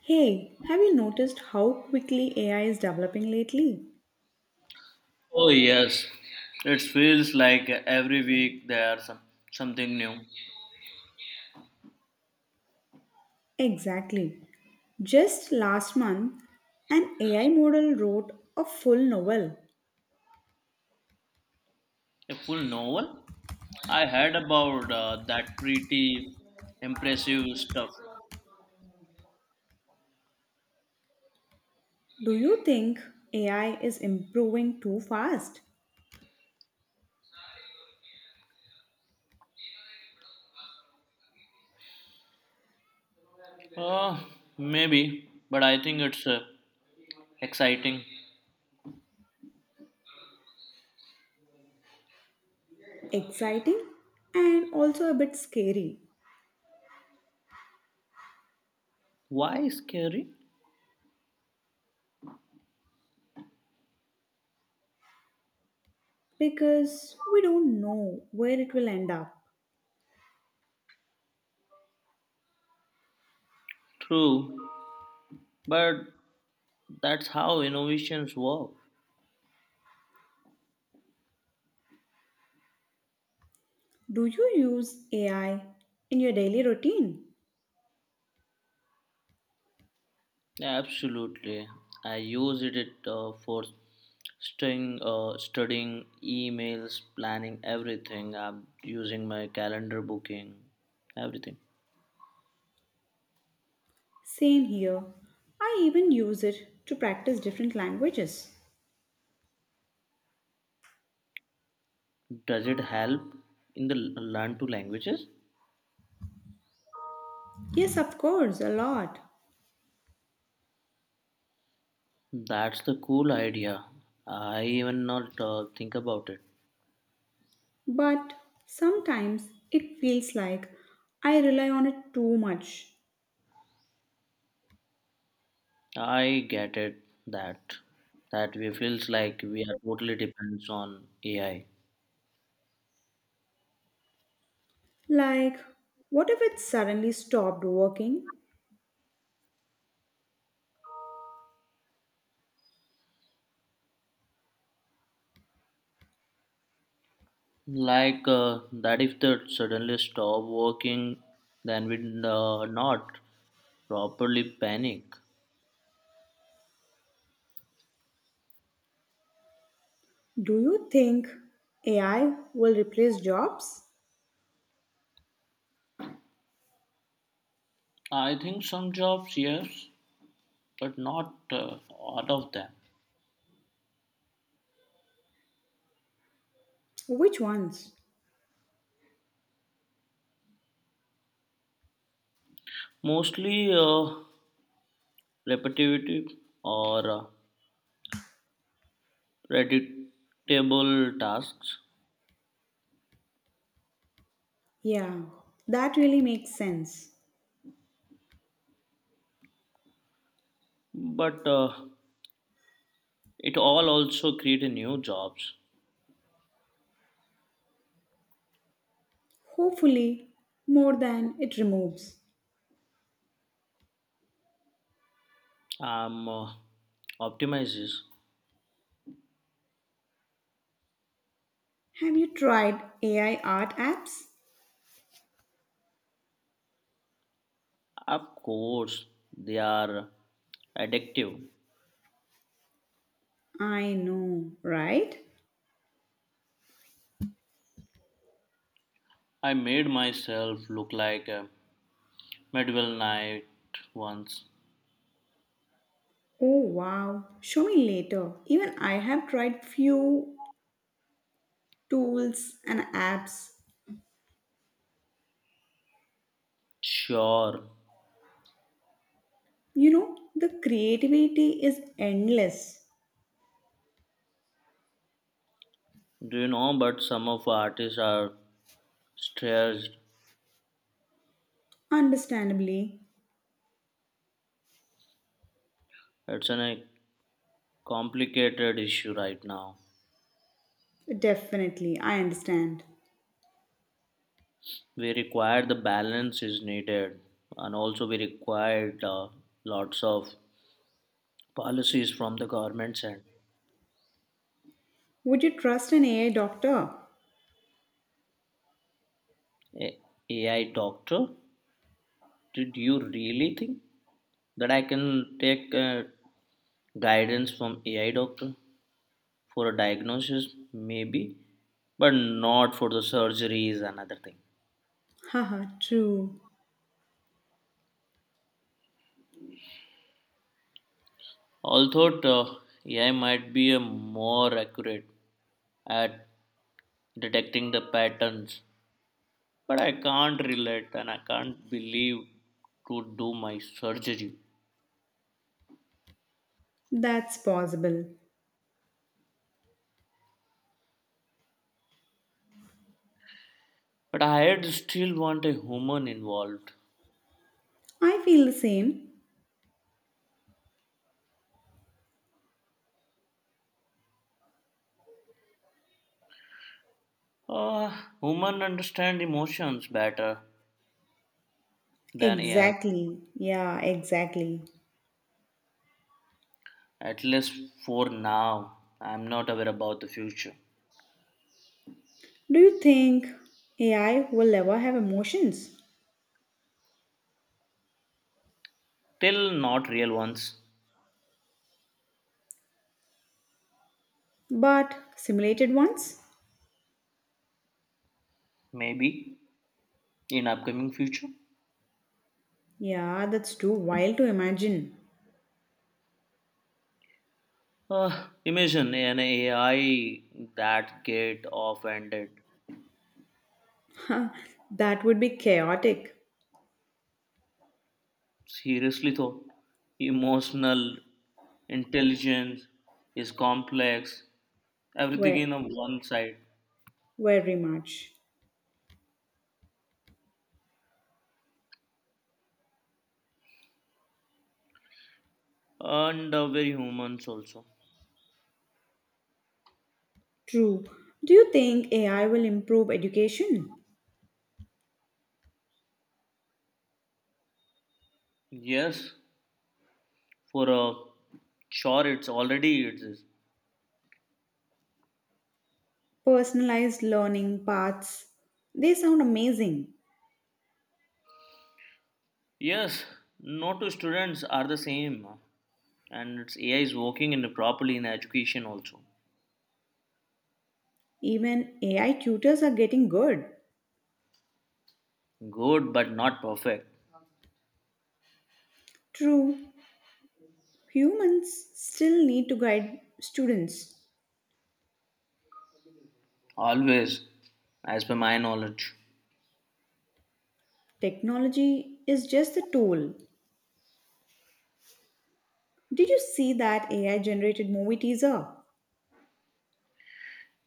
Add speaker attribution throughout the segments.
Speaker 1: Hey, have you noticed how quickly AI is developing lately?
Speaker 2: Oh yes, it feels like every week there's something new.
Speaker 1: Exactly. Just last month, an AI model wrote a full novel.
Speaker 2: A full novel? I heard about that pretty impressive stuff.
Speaker 1: Do you think AI is improving too fast?
Speaker 2: Uh, Maybe, but I think it's exciting.
Speaker 1: Exciting and also a bit scary
Speaker 2: Why scary?
Speaker 1: because we don't know where it will end up.
Speaker 2: True, but that's how innovations work.
Speaker 1: Do you use AI in your daily routine?
Speaker 2: Absolutely. I use it for staying, studying emails, planning everything. I'm using my calendar booking, everything.
Speaker 1: Same here. I even use it to practice different languages.
Speaker 2: Does it help in the learn two languages?
Speaker 1: Yes, of course, a lot.
Speaker 2: That's the cool idea. I even not think about it.
Speaker 1: But sometimes it feels like I rely on it too much.
Speaker 2: I get it that that we feels like we are totally depends on AI.
Speaker 1: Like, what if it suddenly stopped working?
Speaker 2: Like that if that suddenly stop working, then we not properly panic.
Speaker 1: Do you think AI will replace jobs?
Speaker 2: I think some jobs, yes, but not all of them.
Speaker 1: Which ones?
Speaker 2: Mostly repetitive or predictable tasks,
Speaker 1: Yeah, that really makes sense.
Speaker 2: but it all also create a new jobs.
Speaker 1: Hopefully, more than it removes.
Speaker 2: Um, uh, Optimizes,
Speaker 1: Have you tried AI art apps?
Speaker 2: of course, they are addictive.
Speaker 1: I know, right?
Speaker 2: I made myself look like a medieval knight once.
Speaker 1: Oh wow, show me later. Even I have tried few tools and apps.
Speaker 2: Sure.
Speaker 1: You know, the creativity is endless.
Speaker 2: Do you know, but some of artists are stressed.
Speaker 1: Understandably,
Speaker 2: It's a complicated issue right now.
Speaker 1: definitely, I understand.
Speaker 2: We require the balance is needed, and also we require lots of policies from the governments and
Speaker 1: Would you trust an AI doctor?
Speaker 2: A- AI doctor. Did you really think that I can take guidance from AI doctor for a diagnosis? Maybe, but not for the surgeries and other thing.
Speaker 1: Haha, true.
Speaker 2: Although AI might be a more accurate at detecting the patterns. But I can't relate and I can't believe to do my surgery.
Speaker 1: That's possible.
Speaker 2: But I had still want a human involved.
Speaker 1: I feel the same.
Speaker 2: Uh, Human understand emotions better than AI.
Speaker 1: Exactly. Yeah, exactly.
Speaker 2: At least for now. I'm not aware about the future.
Speaker 1: Do you think AI will ever have emotions,
Speaker 2: Till not real ones.
Speaker 1: but simulated ones?
Speaker 2: Maybe in upcoming future.
Speaker 1: Yeah, that's too wild to imagine.
Speaker 2: Imagine an AI that get off-ended.
Speaker 1: Huh, that would be chaotic.
Speaker 2: Seriously though, emotional intelligence is complex, everything
Speaker 1: Ve-
Speaker 2: in a one side,
Speaker 1: Very much.
Speaker 2: and very humans also.
Speaker 1: True. Do you think AI will improve education?
Speaker 2: Yes, for a sure, it's already it is.
Speaker 1: Personalized learning paths. They sound amazing.
Speaker 2: Yes, no two students are the same, and it's AI is working in properly in education also.
Speaker 1: Even AI tutors are getting good.
Speaker 2: Good, but not perfect.
Speaker 1: True. Humans still need to guide students.
Speaker 2: Always, as per my knowledge.
Speaker 1: Technology is just a tool. Did you see that AI generated movie teaser?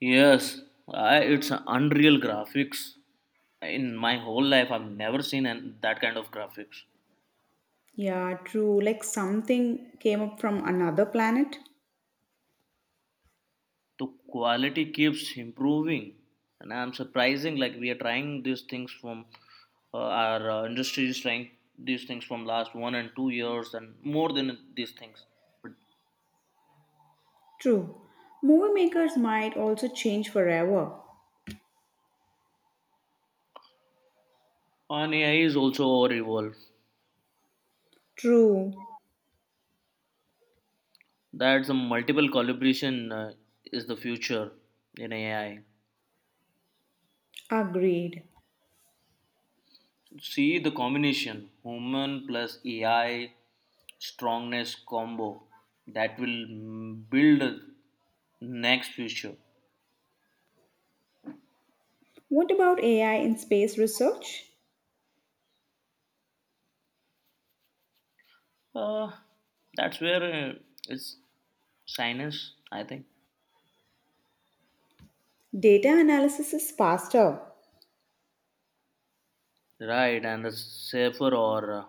Speaker 2: Yes, it's unreal graphics. In my whole life, I've never seen that kind of graphics.
Speaker 1: Yeah, true. Like something came up from another planet.
Speaker 2: The quality keeps improving, and I'm surprising. Like we are trying these things from our industry is trying these things from last 1 and 2 years and more than these things. But
Speaker 1: True. Movie makers might also change forever.
Speaker 2: on AI is also our evolve.
Speaker 1: True.
Speaker 2: That's a multiple collaboration is the future in AI.
Speaker 1: Agreed.
Speaker 2: See the combination human plus AI strongness combo that will build next future.
Speaker 1: What about AI in space research?
Speaker 2: Uh, that's where uh, it's science, I think.
Speaker 1: Data analysis is faster.
Speaker 2: Right, and the safer or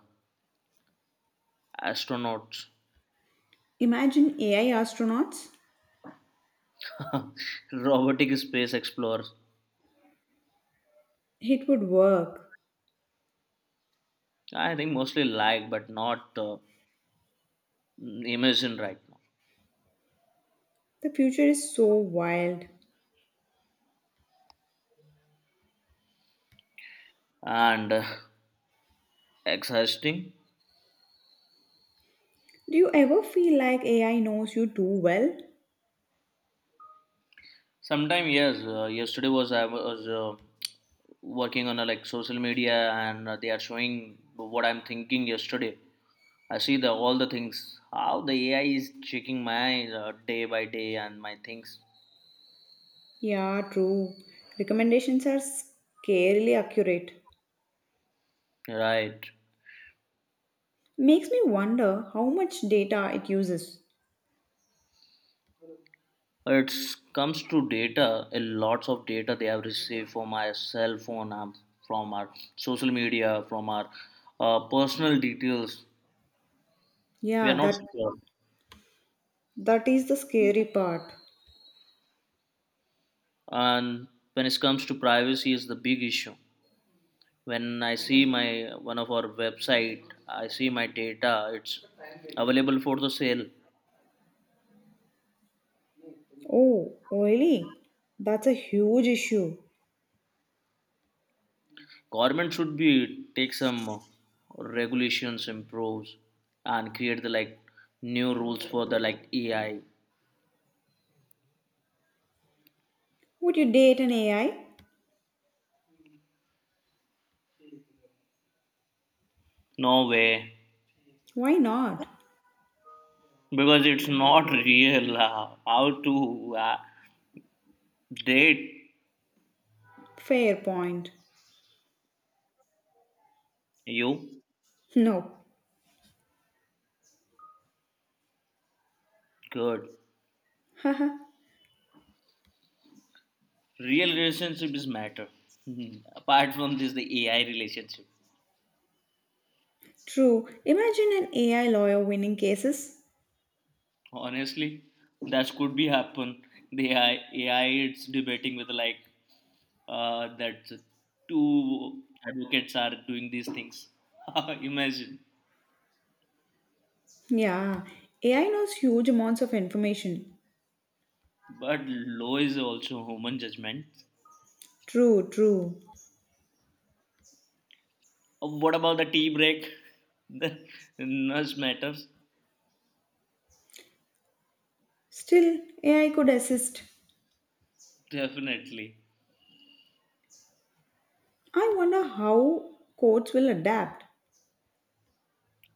Speaker 2: astronauts,
Speaker 1: Imagine AI astronauts.
Speaker 2: robotic space explorers.
Speaker 1: It would work.
Speaker 2: I think mostly like, but not imagine right now.
Speaker 1: The future is so wild.
Speaker 2: And exhausting.
Speaker 1: Do you ever feel like AI knows you too well?
Speaker 2: Sometime yes. Yesterday was I was working on like social media and they are showing what I'm thinking yesterday. I see the all the things how the AI is checking my day by day and my things.
Speaker 1: Yeah, true. Recommendations are scarily accurate.
Speaker 2: Right,
Speaker 1: Makes me wonder how much data it uses.
Speaker 2: it comes to data a lots of data they have received from our cell phone, from our social media, from our personal details. We are
Speaker 1: Yeah,
Speaker 2: not
Speaker 1: that
Speaker 2: secure,
Speaker 1: that is the scary part.
Speaker 2: and when it comes to privacy is the big issue. When I see my one of our website, I see my data, it's available for the sale.
Speaker 1: Oh, really? That's a huge issue.
Speaker 2: Government should be take some regulations improves and create the like new rules for the like AI.
Speaker 1: Would you date an AI?
Speaker 2: No way,
Speaker 1: Why not?
Speaker 2: because it's not real. How to Date
Speaker 1: Fair point.
Speaker 2: you
Speaker 1: No.
Speaker 2: good.
Speaker 1: Haha.
Speaker 2: Real relationship is matter. Apart from this the AI relationship.
Speaker 1: True. Imagine an AI lawyer winning cases.
Speaker 2: Honestly, that could be happen. The AI, it's debating with like that two advocates are doing these things. Imagine.
Speaker 1: Yeah, AI knows huge amounts of information.
Speaker 2: But law is also human judgment.
Speaker 1: True, true.
Speaker 2: What about the tea break? The nurse matters.
Speaker 1: Still, AI could assist.
Speaker 2: Definitely.
Speaker 1: I wonder how courts will adapt.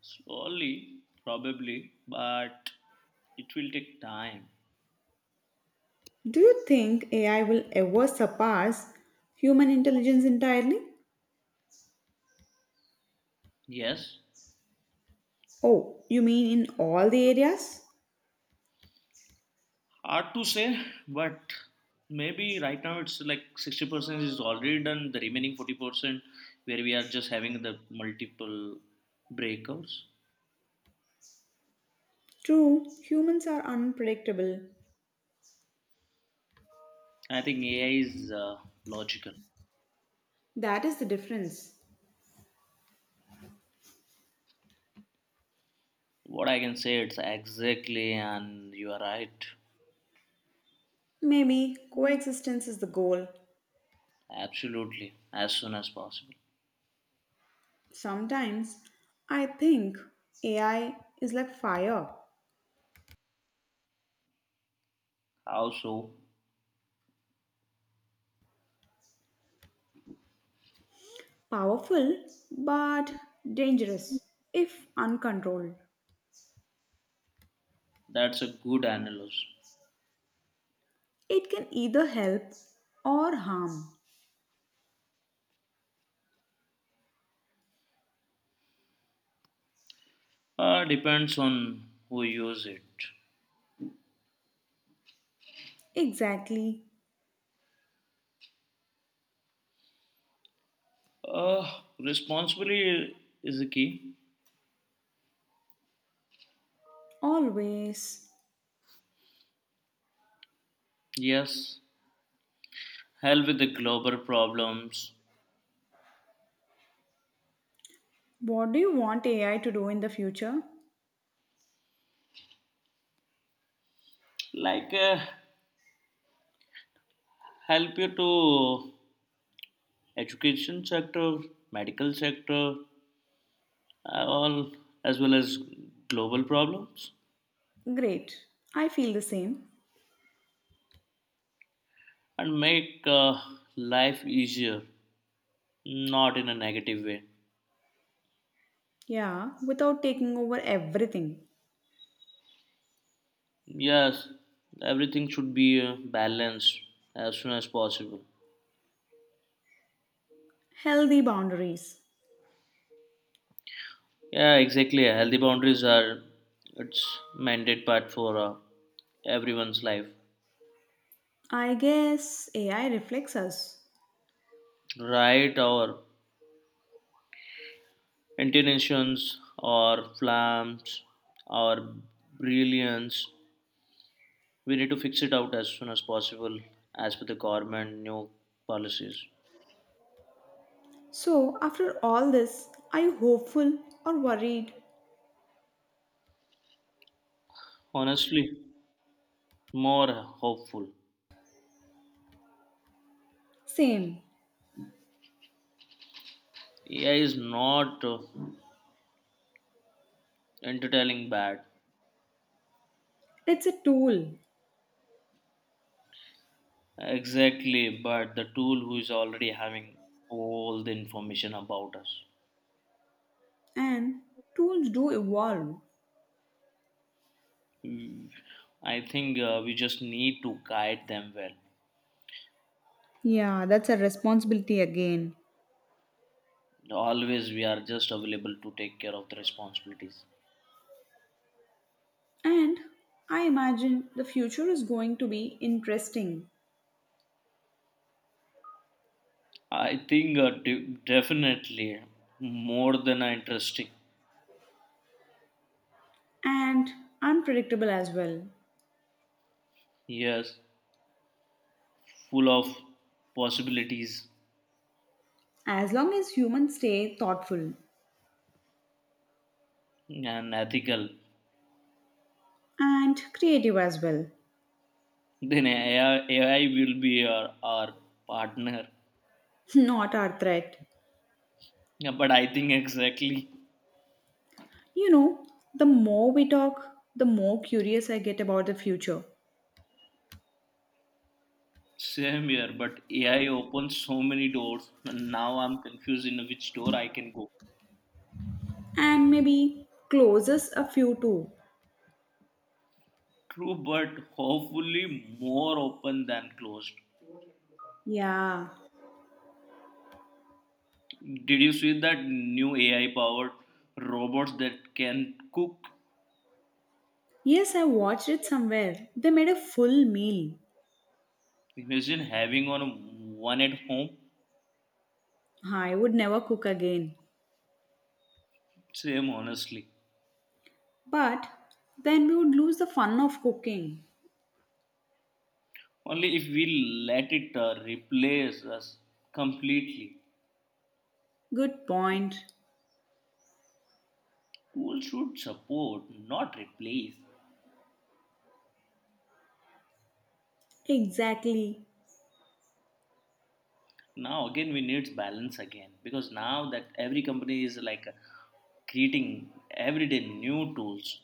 Speaker 2: Slowly, probably, but it will take time.
Speaker 1: Do you think AI will ever surpass human intelligence entirely?
Speaker 2: Yes,
Speaker 1: Oh, you mean in all the areas?
Speaker 2: hard to say, but maybe right now it's like 60% is already done. The remaining 40% where we are just having the multiple breakouts.
Speaker 1: True, humans are unpredictable.
Speaker 2: I think AI is logical.
Speaker 1: That is the difference.
Speaker 2: What I can say, it's exactly, and you are right.
Speaker 1: Maybe coexistence is the goal.
Speaker 2: Absolutely, as soon as possible.
Speaker 1: Sometimes I think AI is like fire,
Speaker 2: How so?
Speaker 1: powerful but dangerous if uncontrolled.
Speaker 2: That's a good analysis.
Speaker 1: It can either help or harm.
Speaker 2: Depends on who use it.
Speaker 1: Exactly,
Speaker 2: Responsibility is the key.
Speaker 1: always.
Speaker 2: Yes, help with the global problems
Speaker 1: What do you want AI to do in the future?
Speaker 2: like help you to education sector, medical sector, all, as well as global problems,
Speaker 1: Great. I feel the same.
Speaker 2: and make life easier, not in a negative way.
Speaker 1: Yeah, without taking over everything.
Speaker 2: Yes, everything should be balanced as soon as possible.
Speaker 1: Healthy boundaries.
Speaker 2: Yeah, exactly, healthy boundaries are it's mandate part for everyone's life.
Speaker 1: I guess AI reflects us.
Speaker 2: Right, or intonations or flams or brilliance. We need to fix it out as soon as possible, as per the government new policies.
Speaker 1: So, after all this, are you hopeful or worried?
Speaker 2: Honestly, more hopeful.
Speaker 1: Same.
Speaker 2: AI is not entertaining bad.
Speaker 1: It's a tool,
Speaker 2: Exactly, but the tool who is already having all the information about us.
Speaker 1: and tools do evolve.
Speaker 2: Mm, I think we just need to guide them well.
Speaker 1: Yeah, that's a responsibility again.
Speaker 2: Always, we are just available to take care of the responsibilities.
Speaker 1: And I imagine the future is going to be interesting
Speaker 2: I think definitely more than interesting.
Speaker 1: and unpredictable as well,
Speaker 2: Yes, full of possibilities
Speaker 1: as long as humans stay thoughtful
Speaker 2: and ethical.
Speaker 1: and creative as well,
Speaker 2: Then AI will be our partner.
Speaker 1: not our threat.
Speaker 2: Yeah, but I think exactly
Speaker 1: You know, the more we talk, the more curious I get about the future.
Speaker 2: same here. But AI opens so many doors, and now I'm confused in which door I can go.
Speaker 1: And maybe closes a few too.
Speaker 2: True, but hopefully more open than closed.
Speaker 1: Yeah.
Speaker 2: Did you see that new AI powered robots that can cook?
Speaker 1: Yes, I watched it somewhere. They made a full meal.
Speaker 2: Imagine having on one at home.
Speaker 1: I would never cook again.
Speaker 2: Same, honestly.
Speaker 1: But then we would lose the fun of cooking.
Speaker 2: Only if we let it replace us completely.
Speaker 1: Good point.
Speaker 2: Tools should support, not replace.
Speaker 1: Exactly.
Speaker 2: Now again, we need balance again because now that every company is like creating everyday new tools.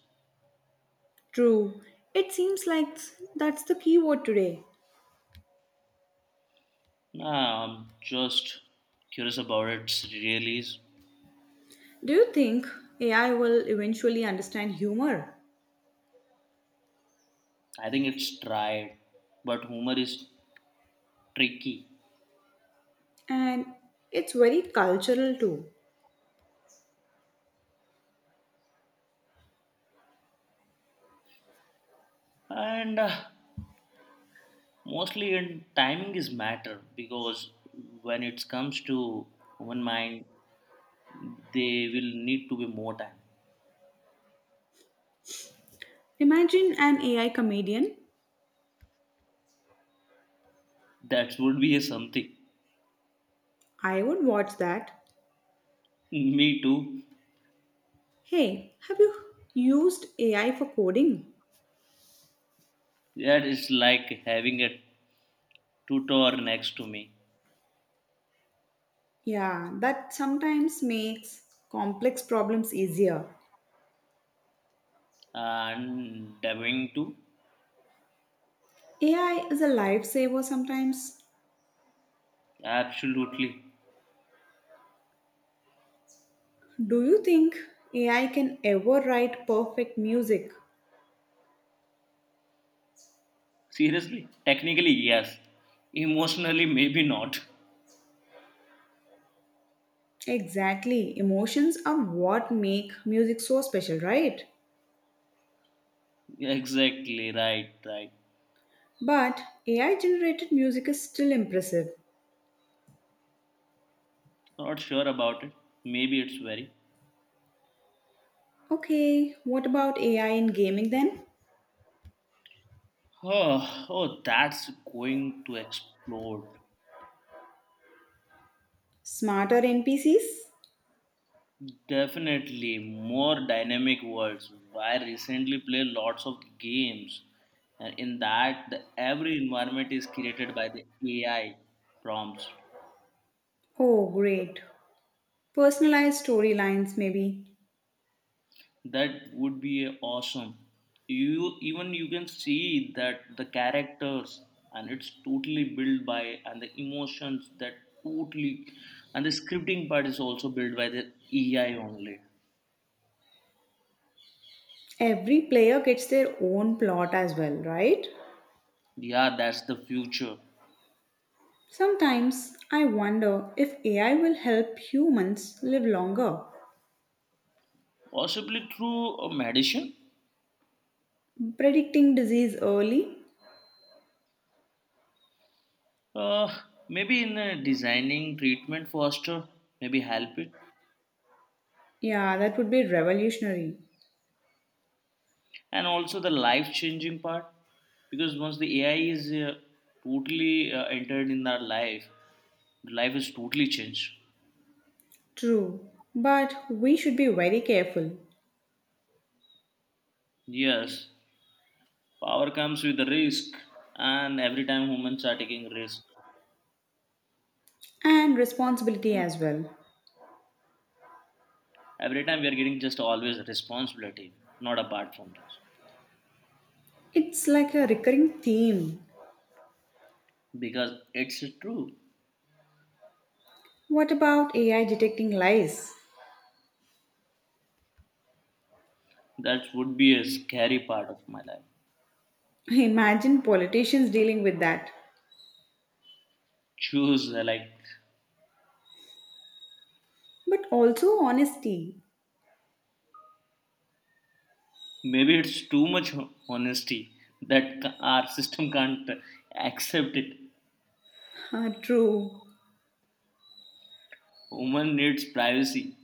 Speaker 1: True. It seems like that's the keyword today.
Speaker 2: Nah, I'm just curious about its release.
Speaker 1: Do you think AI will eventually understand humor?
Speaker 2: I think it's tried, but humor is tricky.
Speaker 1: And it's very cultural too.
Speaker 2: And mostly and timing is matter because when it comes to human mind they will need to be more time.
Speaker 1: Imagine an AI comedian.
Speaker 2: That would be a something.
Speaker 1: I would watch that.
Speaker 2: Me too.
Speaker 1: Hey, have you used AI for coding?
Speaker 2: That is like having a tutor next to me
Speaker 1: Yeah, that sometimes makes complex problems easier.
Speaker 2: and going too.
Speaker 1: AI is a lifesaver sometimes.
Speaker 2: Absolutely.
Speaker 1: Do you think AI can ever write perfect music?
Speaker 2: Seriously, technically yes, emotionally maybe not.
Speaker 1: Exactly. Emotions are what make music so special, right?
Speaker 2: Exactly, right.
Speaker 1: But AI generated music is still impressive.
Speaker 2: Not sure about it, maybe it's very.
Speaker 1: Okay, what about AI in gaming then?
Speaker 2: Oh, oh, that's going to explode.
Speaker 1: Smarter NPCs?
Speaker 2: Definitely more dynamic worlds. I recently play lots of games, and in that, the, every environment is created by the AI prompts.
Speaker 1: Oh, great. Personalized storylines, maybe.
Speaker 2: That would be awesome. You even you can see that the characters, and it's totally built by, and the emotions that totally, and the scripting part is also built by the AI only.
Speaker 1: Every player gets their own plot as well, right?
Speaker 2: Yeah, that's the future.
Speaker 1: Sometimes I wonder if AI will help humans live longer.
Speaker 2: Possibly through a medicine.
Speaker 1: Predicting disease early?
Speaker 2: Uh, Maybe in designing treatment faster, maybe help it.
Speaker 1: Yeah, that would be revolutionary.
Speaker 2: And also the life changing part. Because once the AI is totally entered in our life, life is totally changed.
Speaker 1: True, but we should be very careful
Speaker 2: Yes, power comes with the risk. And every time humans are taking risk,
Speaker 1: and responsibility as well.
Speaker 2: every time we are getting just always responsibility, not apart from this.
Speaker 1: It's like a recurring theme.
Speaker 2: Because it's true.
Speaker 1: What about AI detecting lies?
Speaker 2: That would be a scary part of my life.
Speaker 1: Imagine politicians dealing with that.
Speaker 2: Choose like
Speaker 1: But also honesty.
Speaker 2: maybe it's too much honesty that our system can't accept it.
Speaker 1: Ah, true.
Speaker 2: Woman needs privacy,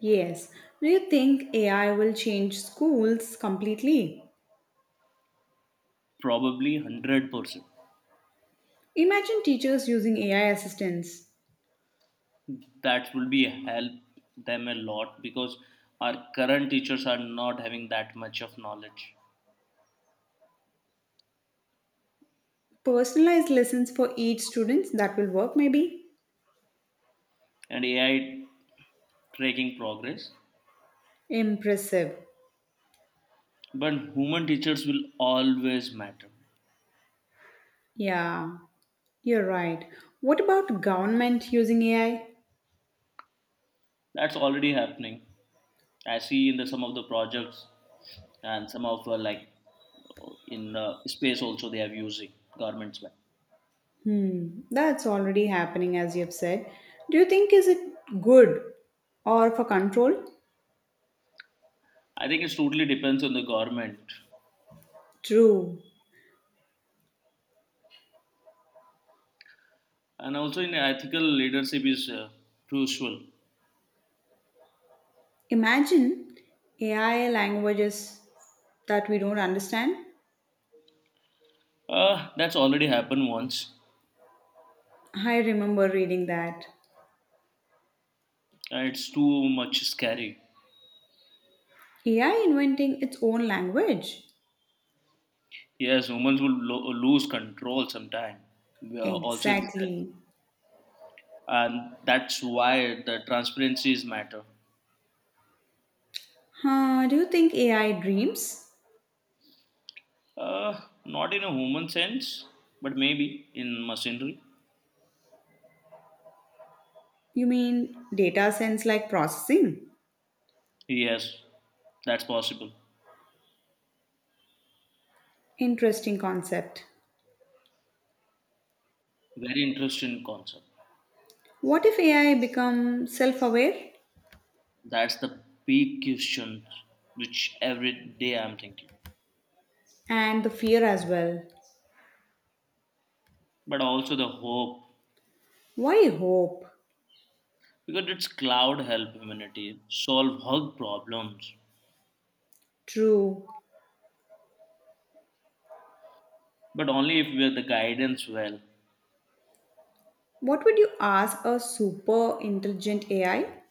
Speaker 1: Yes. Do you think AI will change schools completely?
Speaker 2: probably 100%.
Speaker 1: Imagine teachers using AI assistants.
Speaker 2: That will be help them a lot because our current teachers are not having that much of knowledge,
Speaker 1: Personalized lessons for each student that will work maybe?
Speaker 2: and AI tracking progress.
Speaker 1: Impressive.
Speaker 2: But human teachers will always matter.
Speaker 1: Yeah, you're right. What about government using AI?
Speaker 2: That's already happening. I see in the some of the projects and some of like in space also they are using governments well.
Speaker 1: Hmm, that's already happening as you've said. Do you think is it good or for control?
Speaker 2: I think it totally depends on the government
Speaker 1: True.
Speaker 2: and also in ethical leadership is crucial.
Speaker 1: Imagine AI languages that we don't understand.
Speaker 2: That's already happened once.
Speaker 1: I remember reading that.
Speaker 2: It's too much scary.
Speaker 1: AI inventing its own language.
Speaker 2: Yes, humans will lose control sometime. We are also,
Speaker 1: Exactly.
Speaker 2: and that's why the transparency is matter.
Speaker 1: Huh, do you think AI dreams?
Speaker 2: Not in a human sense, but maybe in machinery.
Speaker 1: You mean data sense like processing?
Speaker 2: Yes, that's possible.
Speaker 1: Interesting concept.
Speaker 2: Very interesting concept.
Speaker 1: What if AI become self-aware
Speaker 2: That's the big question which every day I'm thinking.
Speaker 1: and the fear as well?
Speaker 2: But also the hope,
Speaker 1: Why hope?
Speaker 2: because it's cloud help humanity solve hug problems,
Speaker 1: True.
Speaker 2: but only if we're the guidance well.
Speaker 1: What would you ask a super intelligent AI?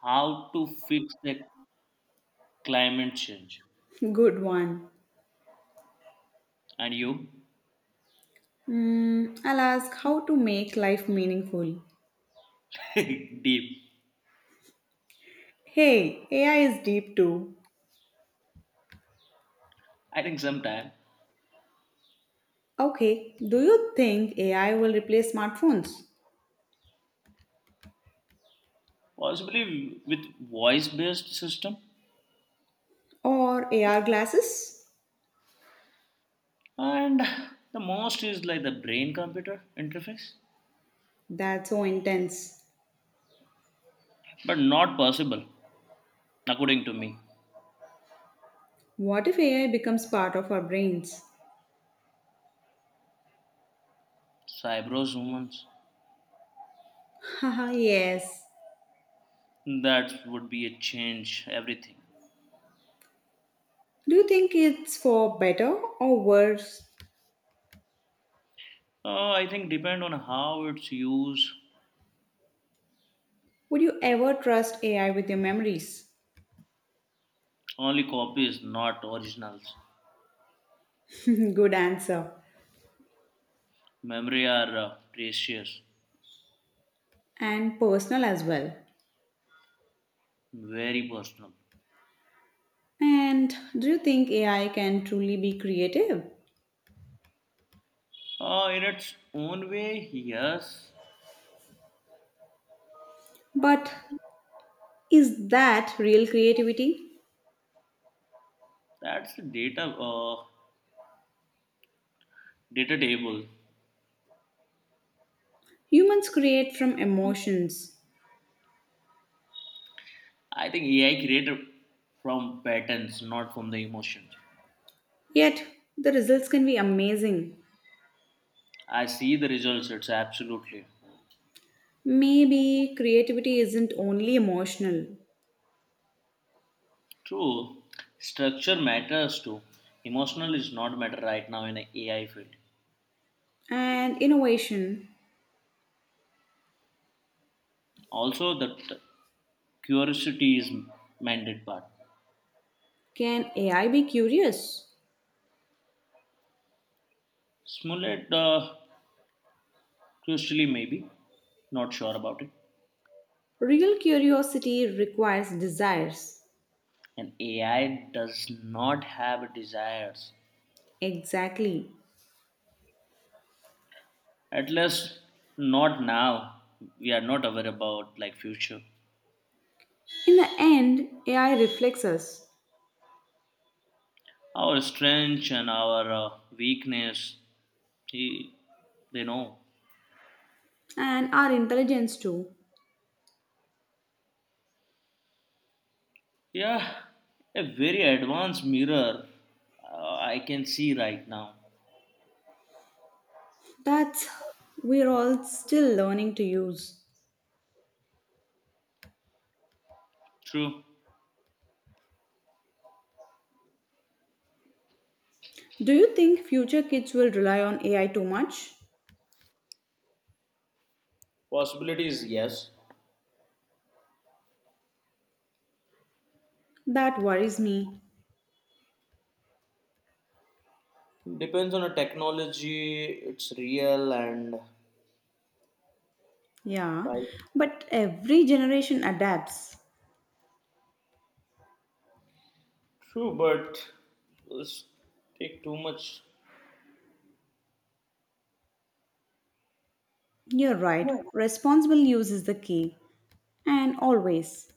Speaker 2: How to fix the climate change?
Speaker 1: Good one.
Speaker 2: And you,
Speaker 1: Hmm, I'll ask how to make life meaningful.
Speaker 2: deep.
Speaker 1: Hey, AI is deep too.
Speaker 2: I think sometime
Speaker 1: Okay, do you think AI will replace smartphones
Speaker 2: possibly with voice-based system,
Speaker 1: or AR glasses?
Speaker 2: and the most is like the brain-computer interface,
Speaker 1: That's so intense.
Speaker 2: but not possible according to me.
Speaker 1: What if AI becomes part of our brains?
Speaker 2: Cybrose humans?
Speaker 1: Haha, yes.
Speaker 2: That would be a change everything.
Speaker 1: Do you think it's for better or worse?
Speaker 2: I think depend on how it's used.
Speaker 1: Would you ever trust AI with your memories?
Speaker 2: Only copies, not originals.
Speaker 1: Good answer.
Speaker 2: Memory are precious,
Speaker 1: And personal as well.
Speaker 2: very personal.
Speaker 1: And do you think AI can truly be creative?
Speaker 2: In its own way, yes.
Speaker 1: But is that real creativity?
Speaker 2: That's the data data table.
Speaker 1: Humans create from emotions,
Speaker 2: I think AI created from patterns, not from the emotions.
Speaker 1: yet the results can be amazing.
Speaker 2: I see the results. It's absolutely.
Speaker 1: Maybe creativity isn't only emotional.
Speaker 2: True, structure matters too. Emotional is not matter right now in an a AI field.
Speaker 1: And innovation,
Speaker 2: Also, the curiosity is mandate part.
Speaker 1: can AI be curious?
Speaker 2: Smollett, crucially maybe, not sure about it.
Speaker 1: Real curiosity requires desires.
Speaker 2: And AI does not have desires.
Speaker 1: Exactly.
Speaker 2: At least, not now. We are not aware about like future.
Speaker 1: In the end, AI reflects us.
Speaker 2: Our strength and our weakness, he, they know.
Speaker 1: And our intelligence too.
Speaker 2: Yeah, a very advanced mirror I can see right now.
Speaker 1: That's we're all still learning to use.
Speaker 2: True.
Speaker 1: Do you think future kids will rely on AI too much?
Speaker 2: Possibilities, yes.
Speaker 1: That worries me.
Speaker 2: Depends on the technology, it's real and
Speaker 1: Yeah,
Speaker 2: price.
Speaker 1: but every generation adapts.
Speaker 2: True, but let's take too much.
Speaker 1: You're right, responsible use is the key, and always.